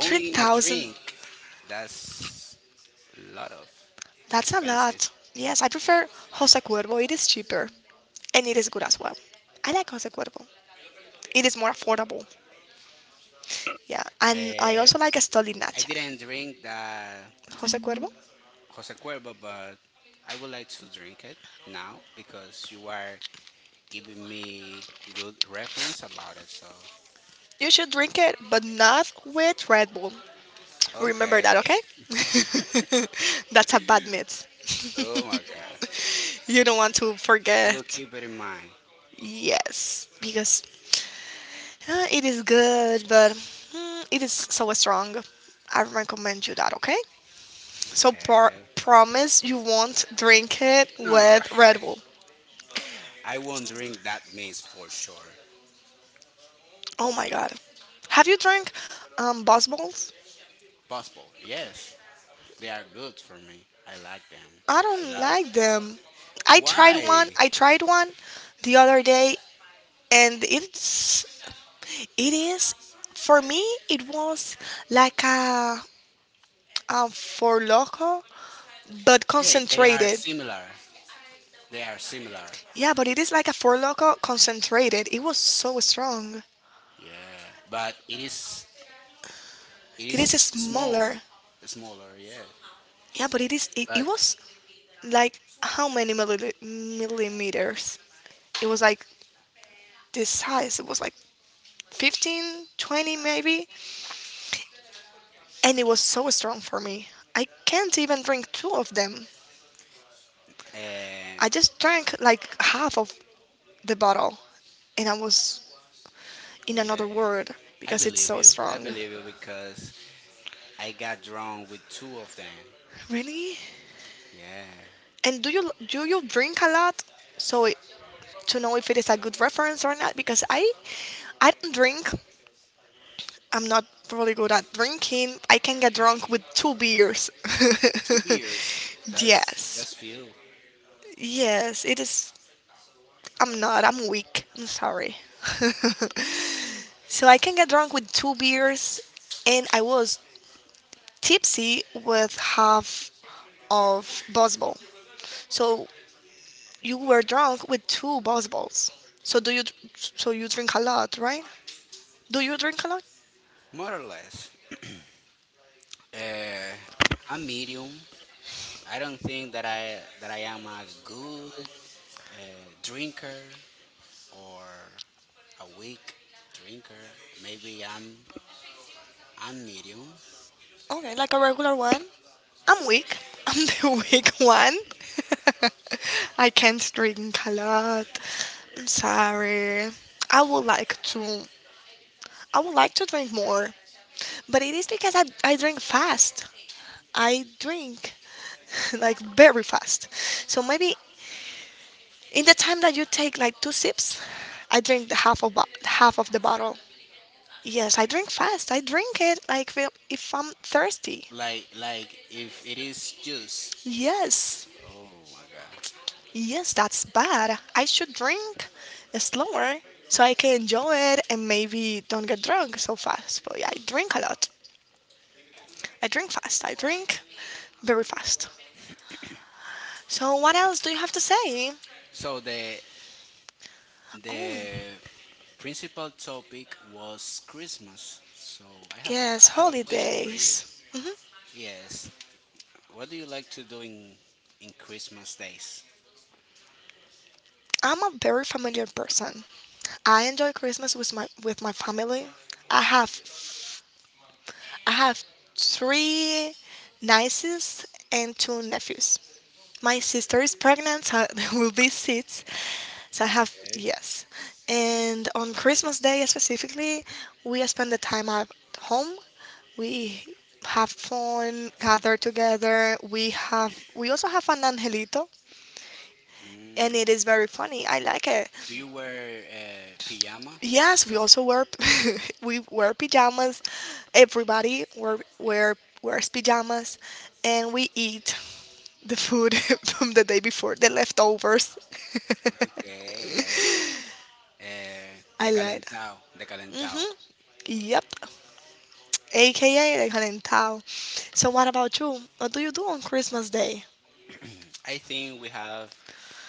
B: Three
A: in a
B: thousand.
A: drink. That's a lot of
B: That's a
A: expensive.
B: lot. Yes, I prefer Jose Cuervo. It is cheaper and it is good as well. I like Jose Cuervo. It is more affordable. Yeah, and I
A: Uh,
B: also like a Stoli
A: I
B: Nacha.
A: didn't drink that
B: Jose Cuervo.
A: Jose Cuervo, but I would like to drink it now because you are giving me good reference about it. So,
B: You should drink it, but not with Red Bull. Remember that,
A: okay.
B: okay? That's a bad myth.
A: Oh my God.
B: You don't want to
A: I will
B: forget.
A: keep it in mind.
B: Yes, because it is good, but mm, it is so strong. I recommend you that, okay? So
A: Okay,
B: par-
A: okay.
B: promise you won't drink it
A: No, no.
B: with Red Bull.
A: I won't drink that mist for sure.
B: Oh my god. Have you drank Buzz Balls?
A: Possible, yes. They are good for me. I like them
B: I
A: a
B: don't
A: lot.
B: like them.
A: Why?
B: I tried one the other day, and it's it is for me it was like a for loco but
A: Yeah, they are
B: concentrated.
A: similar. They are similar.
B: Yeah, but it is like a for loco concentrated. It was so strong.
A: Yeah, but it is it
B: It
A: is
B: is
A: small,
B: smaller.
A: smaller. Yeah,
B: Yeah, but it
A: but
B: was like how many millimeters. It was like this size. It was like 15, 20, maybe, and it was so strong for me. I can't even drink two of them.
A: uh,
B: I just drank like half of the bottle, and I was in
A: yeah,
B: another world
A: I
B: because it's
A: believe
B: so
A: you. I
B: strong.
A: believe you because I got drawn with two of them.
B: Really?
A: Yeah,
B: And do you drink a lot? So it, to know if it is a good reference or not, because I don't drink. I'm not really good at drinking. I can get drunk with two beers.
A: two beers. That's
B: Yes,
A: few,
B: yes, it is. I'm not. I'm weak. I'm sorry. So I can get drunk with two beers, and I was tipsy with half of Bosbol. So you were drunk with two Bosbols. So do you so you drink a lot, right? Do you drink a lot?
A: more or less. Uh, I'm medium. I don't think that I am a good. A drinker or a weak drinker. Maybe I'm medium.
B: Okay, like a regular one. I'm weak. I'm the weak one. I can't drink a lot. I'm sorry. I would like to I would like to drink more, but it is because I drink fast. I drink like very fast. So maybe in the time that you take like two sips, I drink the half of half of the bottle. Yes, I drink fast. I drink it like if I'm thirsty.
A: Like if it is juice.
B: Yes,
A: Oh my god.
B: yes, that's bad. I should drink slower so I can enjoy it and maybe don't get drunk so fast. But yeah, I drink a lot. I drink fast. I drink very fast. So what else do you have to say?
A: So
B: Oh,
A: the principal topic was Christmas. So
B: yes,
A: I have a question for you.
B: holidays. Hmm.
A: Yes. What do you like to do in Christmas days?
B: I'm a very familiar person. I enjoy Christmas with my family. I have I have three nieces and two nephews. My sister is pregnant, so there will be six. So I have,
A: Okay.
B: yes. And on Christmas Day specifically, we spend the time at home. We have fun, gather together. We also have an angelito, and
A: Mm.
B: it is very funny. I like it.
A: Do you wear pajama?
B: Yes, we also wear we wear pajamas. Everybody wears pajamas, and we eat the food from the day before, the leftovers.
A: Okay, yeah.
B: I
A: The
B: lied.
A: Calentao, the Calentao.
B: Hmm. Yep. AKA the calentao. So what about you? What do you do on Christmas Day?
A: I think we have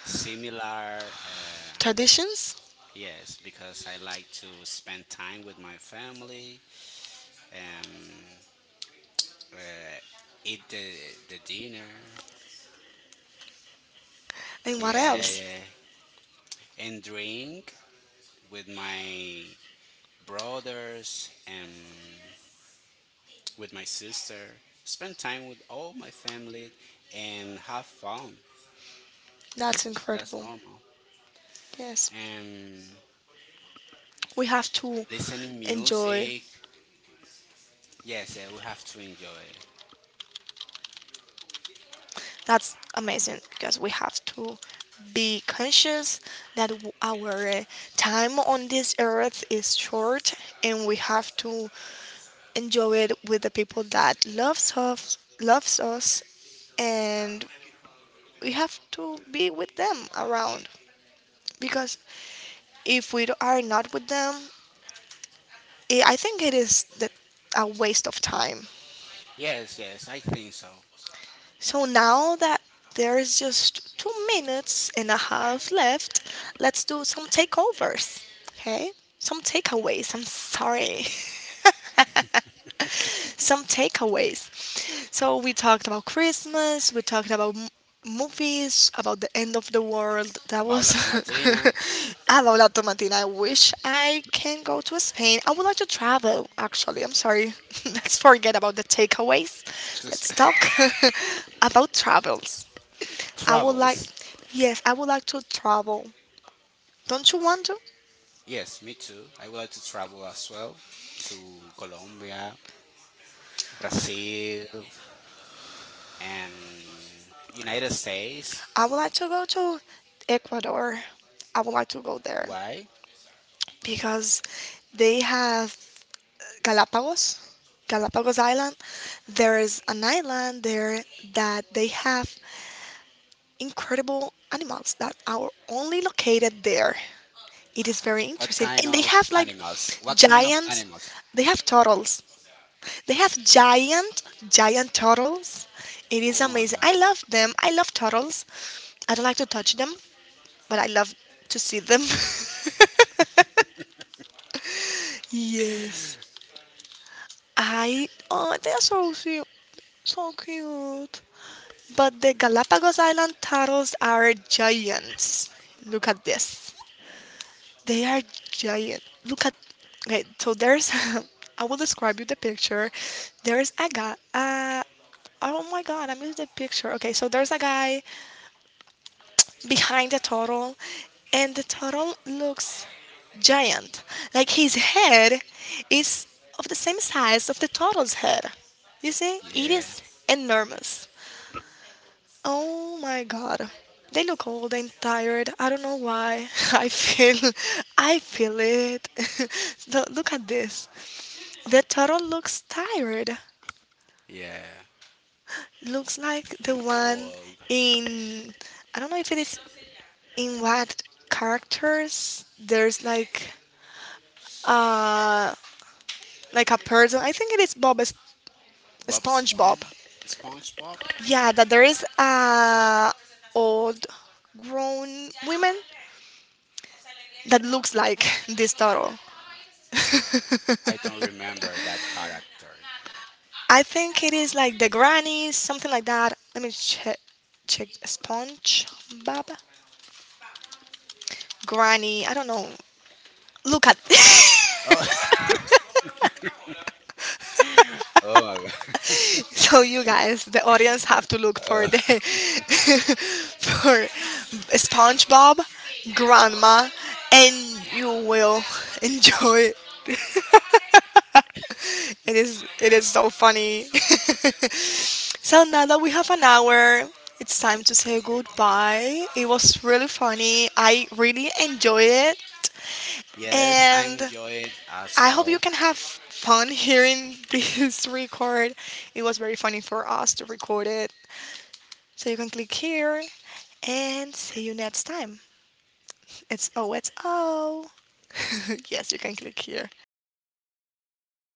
A: similar,
B: Traditions?
A: yes, because I like to spend time with my family and uh, eat the dinner.
B: And what
A: Yeah,
B: else?
A: yeah. And drink with my brothers and with my sister. Spend time with all my family and have fun.
B: That's
A: That's
B: incredible.
A: normal.
B: Yes.
A: And
B: We have to
A: listening
B: enjoy.
A: music. Yes, yeah, we have to enjoy.
B: That's amazing because we have to be conscious that our time on this earth is short and we have to enjoy it with the people that loves us, and we have to be with them around because if we are not with them, I think it is a waste of time.
A: Yes, yes, I think so.
B: So now that there's just 2 minutes and a half left, let's do some takeovers. Okay? Some takeaways. I'm sorry. Some takeaways. So we talked about Christmas, we talked about movies, about the end of the world. That
A: About La
B: was
A: Tomatina,
B: about La Tomatina. I wish I can go to Spain. I would like to travel, actually. I'm sorry. Let's forget about the takeaways. Let's
A: just
B: talk about travels. I would like,
A: travels.
B: yes, I would like to travel. Don't you want to?
A: Yes, me too. I would like to travel as well to Colombia, Brazil, and United States.
B: I would like to go to Ecuador. I would like to go there
A: Why?
B: because they have Galapagos, Galapagos Island. There is an island there that they have incredible animals that are only located there. It is very
A: What
B: interesting.
A: kind
B: And they
A: of
B: have like
A: animals? What kind of
B: giants,
A: animals?
B: they have turtles. They have giant, giant turtles. It is
A: Oh my
B: amazing. I
A: God!
B: love them. I love turtles. I don't like to touch them, but I love to see them. Yes. I, oh, they are so cute, so cute. But the Galapagos Island turtles are giants. Look at this. They are giant. Look at. Okay, so there's. I will describe you the picture. There's a guy. Oh my god, I missed the picture. Okay, so there's a guy behind the turtle, and the turtle looks giant. Like his head is of the same size of the turtle's head. You see, it
A: Yeah,
B: is enormous. Oh my god. They look old and tired. I don't know why. I feel I feel it. Look at this. The turtle looks tired.
A: yeah.
B: Looks like the
A: An
B: one
A: old.
B: in, I don't know if it is in what characters, there's uh like a person. I think it is
A: Bob
B: SpongeBob.
A: Spong, SpongeBob.
B: Yeah, that there is a old grown woman that looks like this turtle.
A: I don't remember that character.
B: I think it is like the grannies, something like that. Let me check. Check sponge, Bob, granny. I don't know. Look at.
A: Oh, oh my God.
B: So you guys, the audience, have to look
A: Uh,
B: for the for SpongeBob, grandma, and you will enjoy. It is. It is so funny. So now that we have an hour, it's time to say goodbye. It was really funny. I really enjoy it.
A: yes, I'm
B: And
A: enjoy it as
B: I hope you
A: well.
B: can have fun hearing this record. It was very funny for us to record it. So you can click here and see you next time. It's oh, it's oh. Yes, you can click here.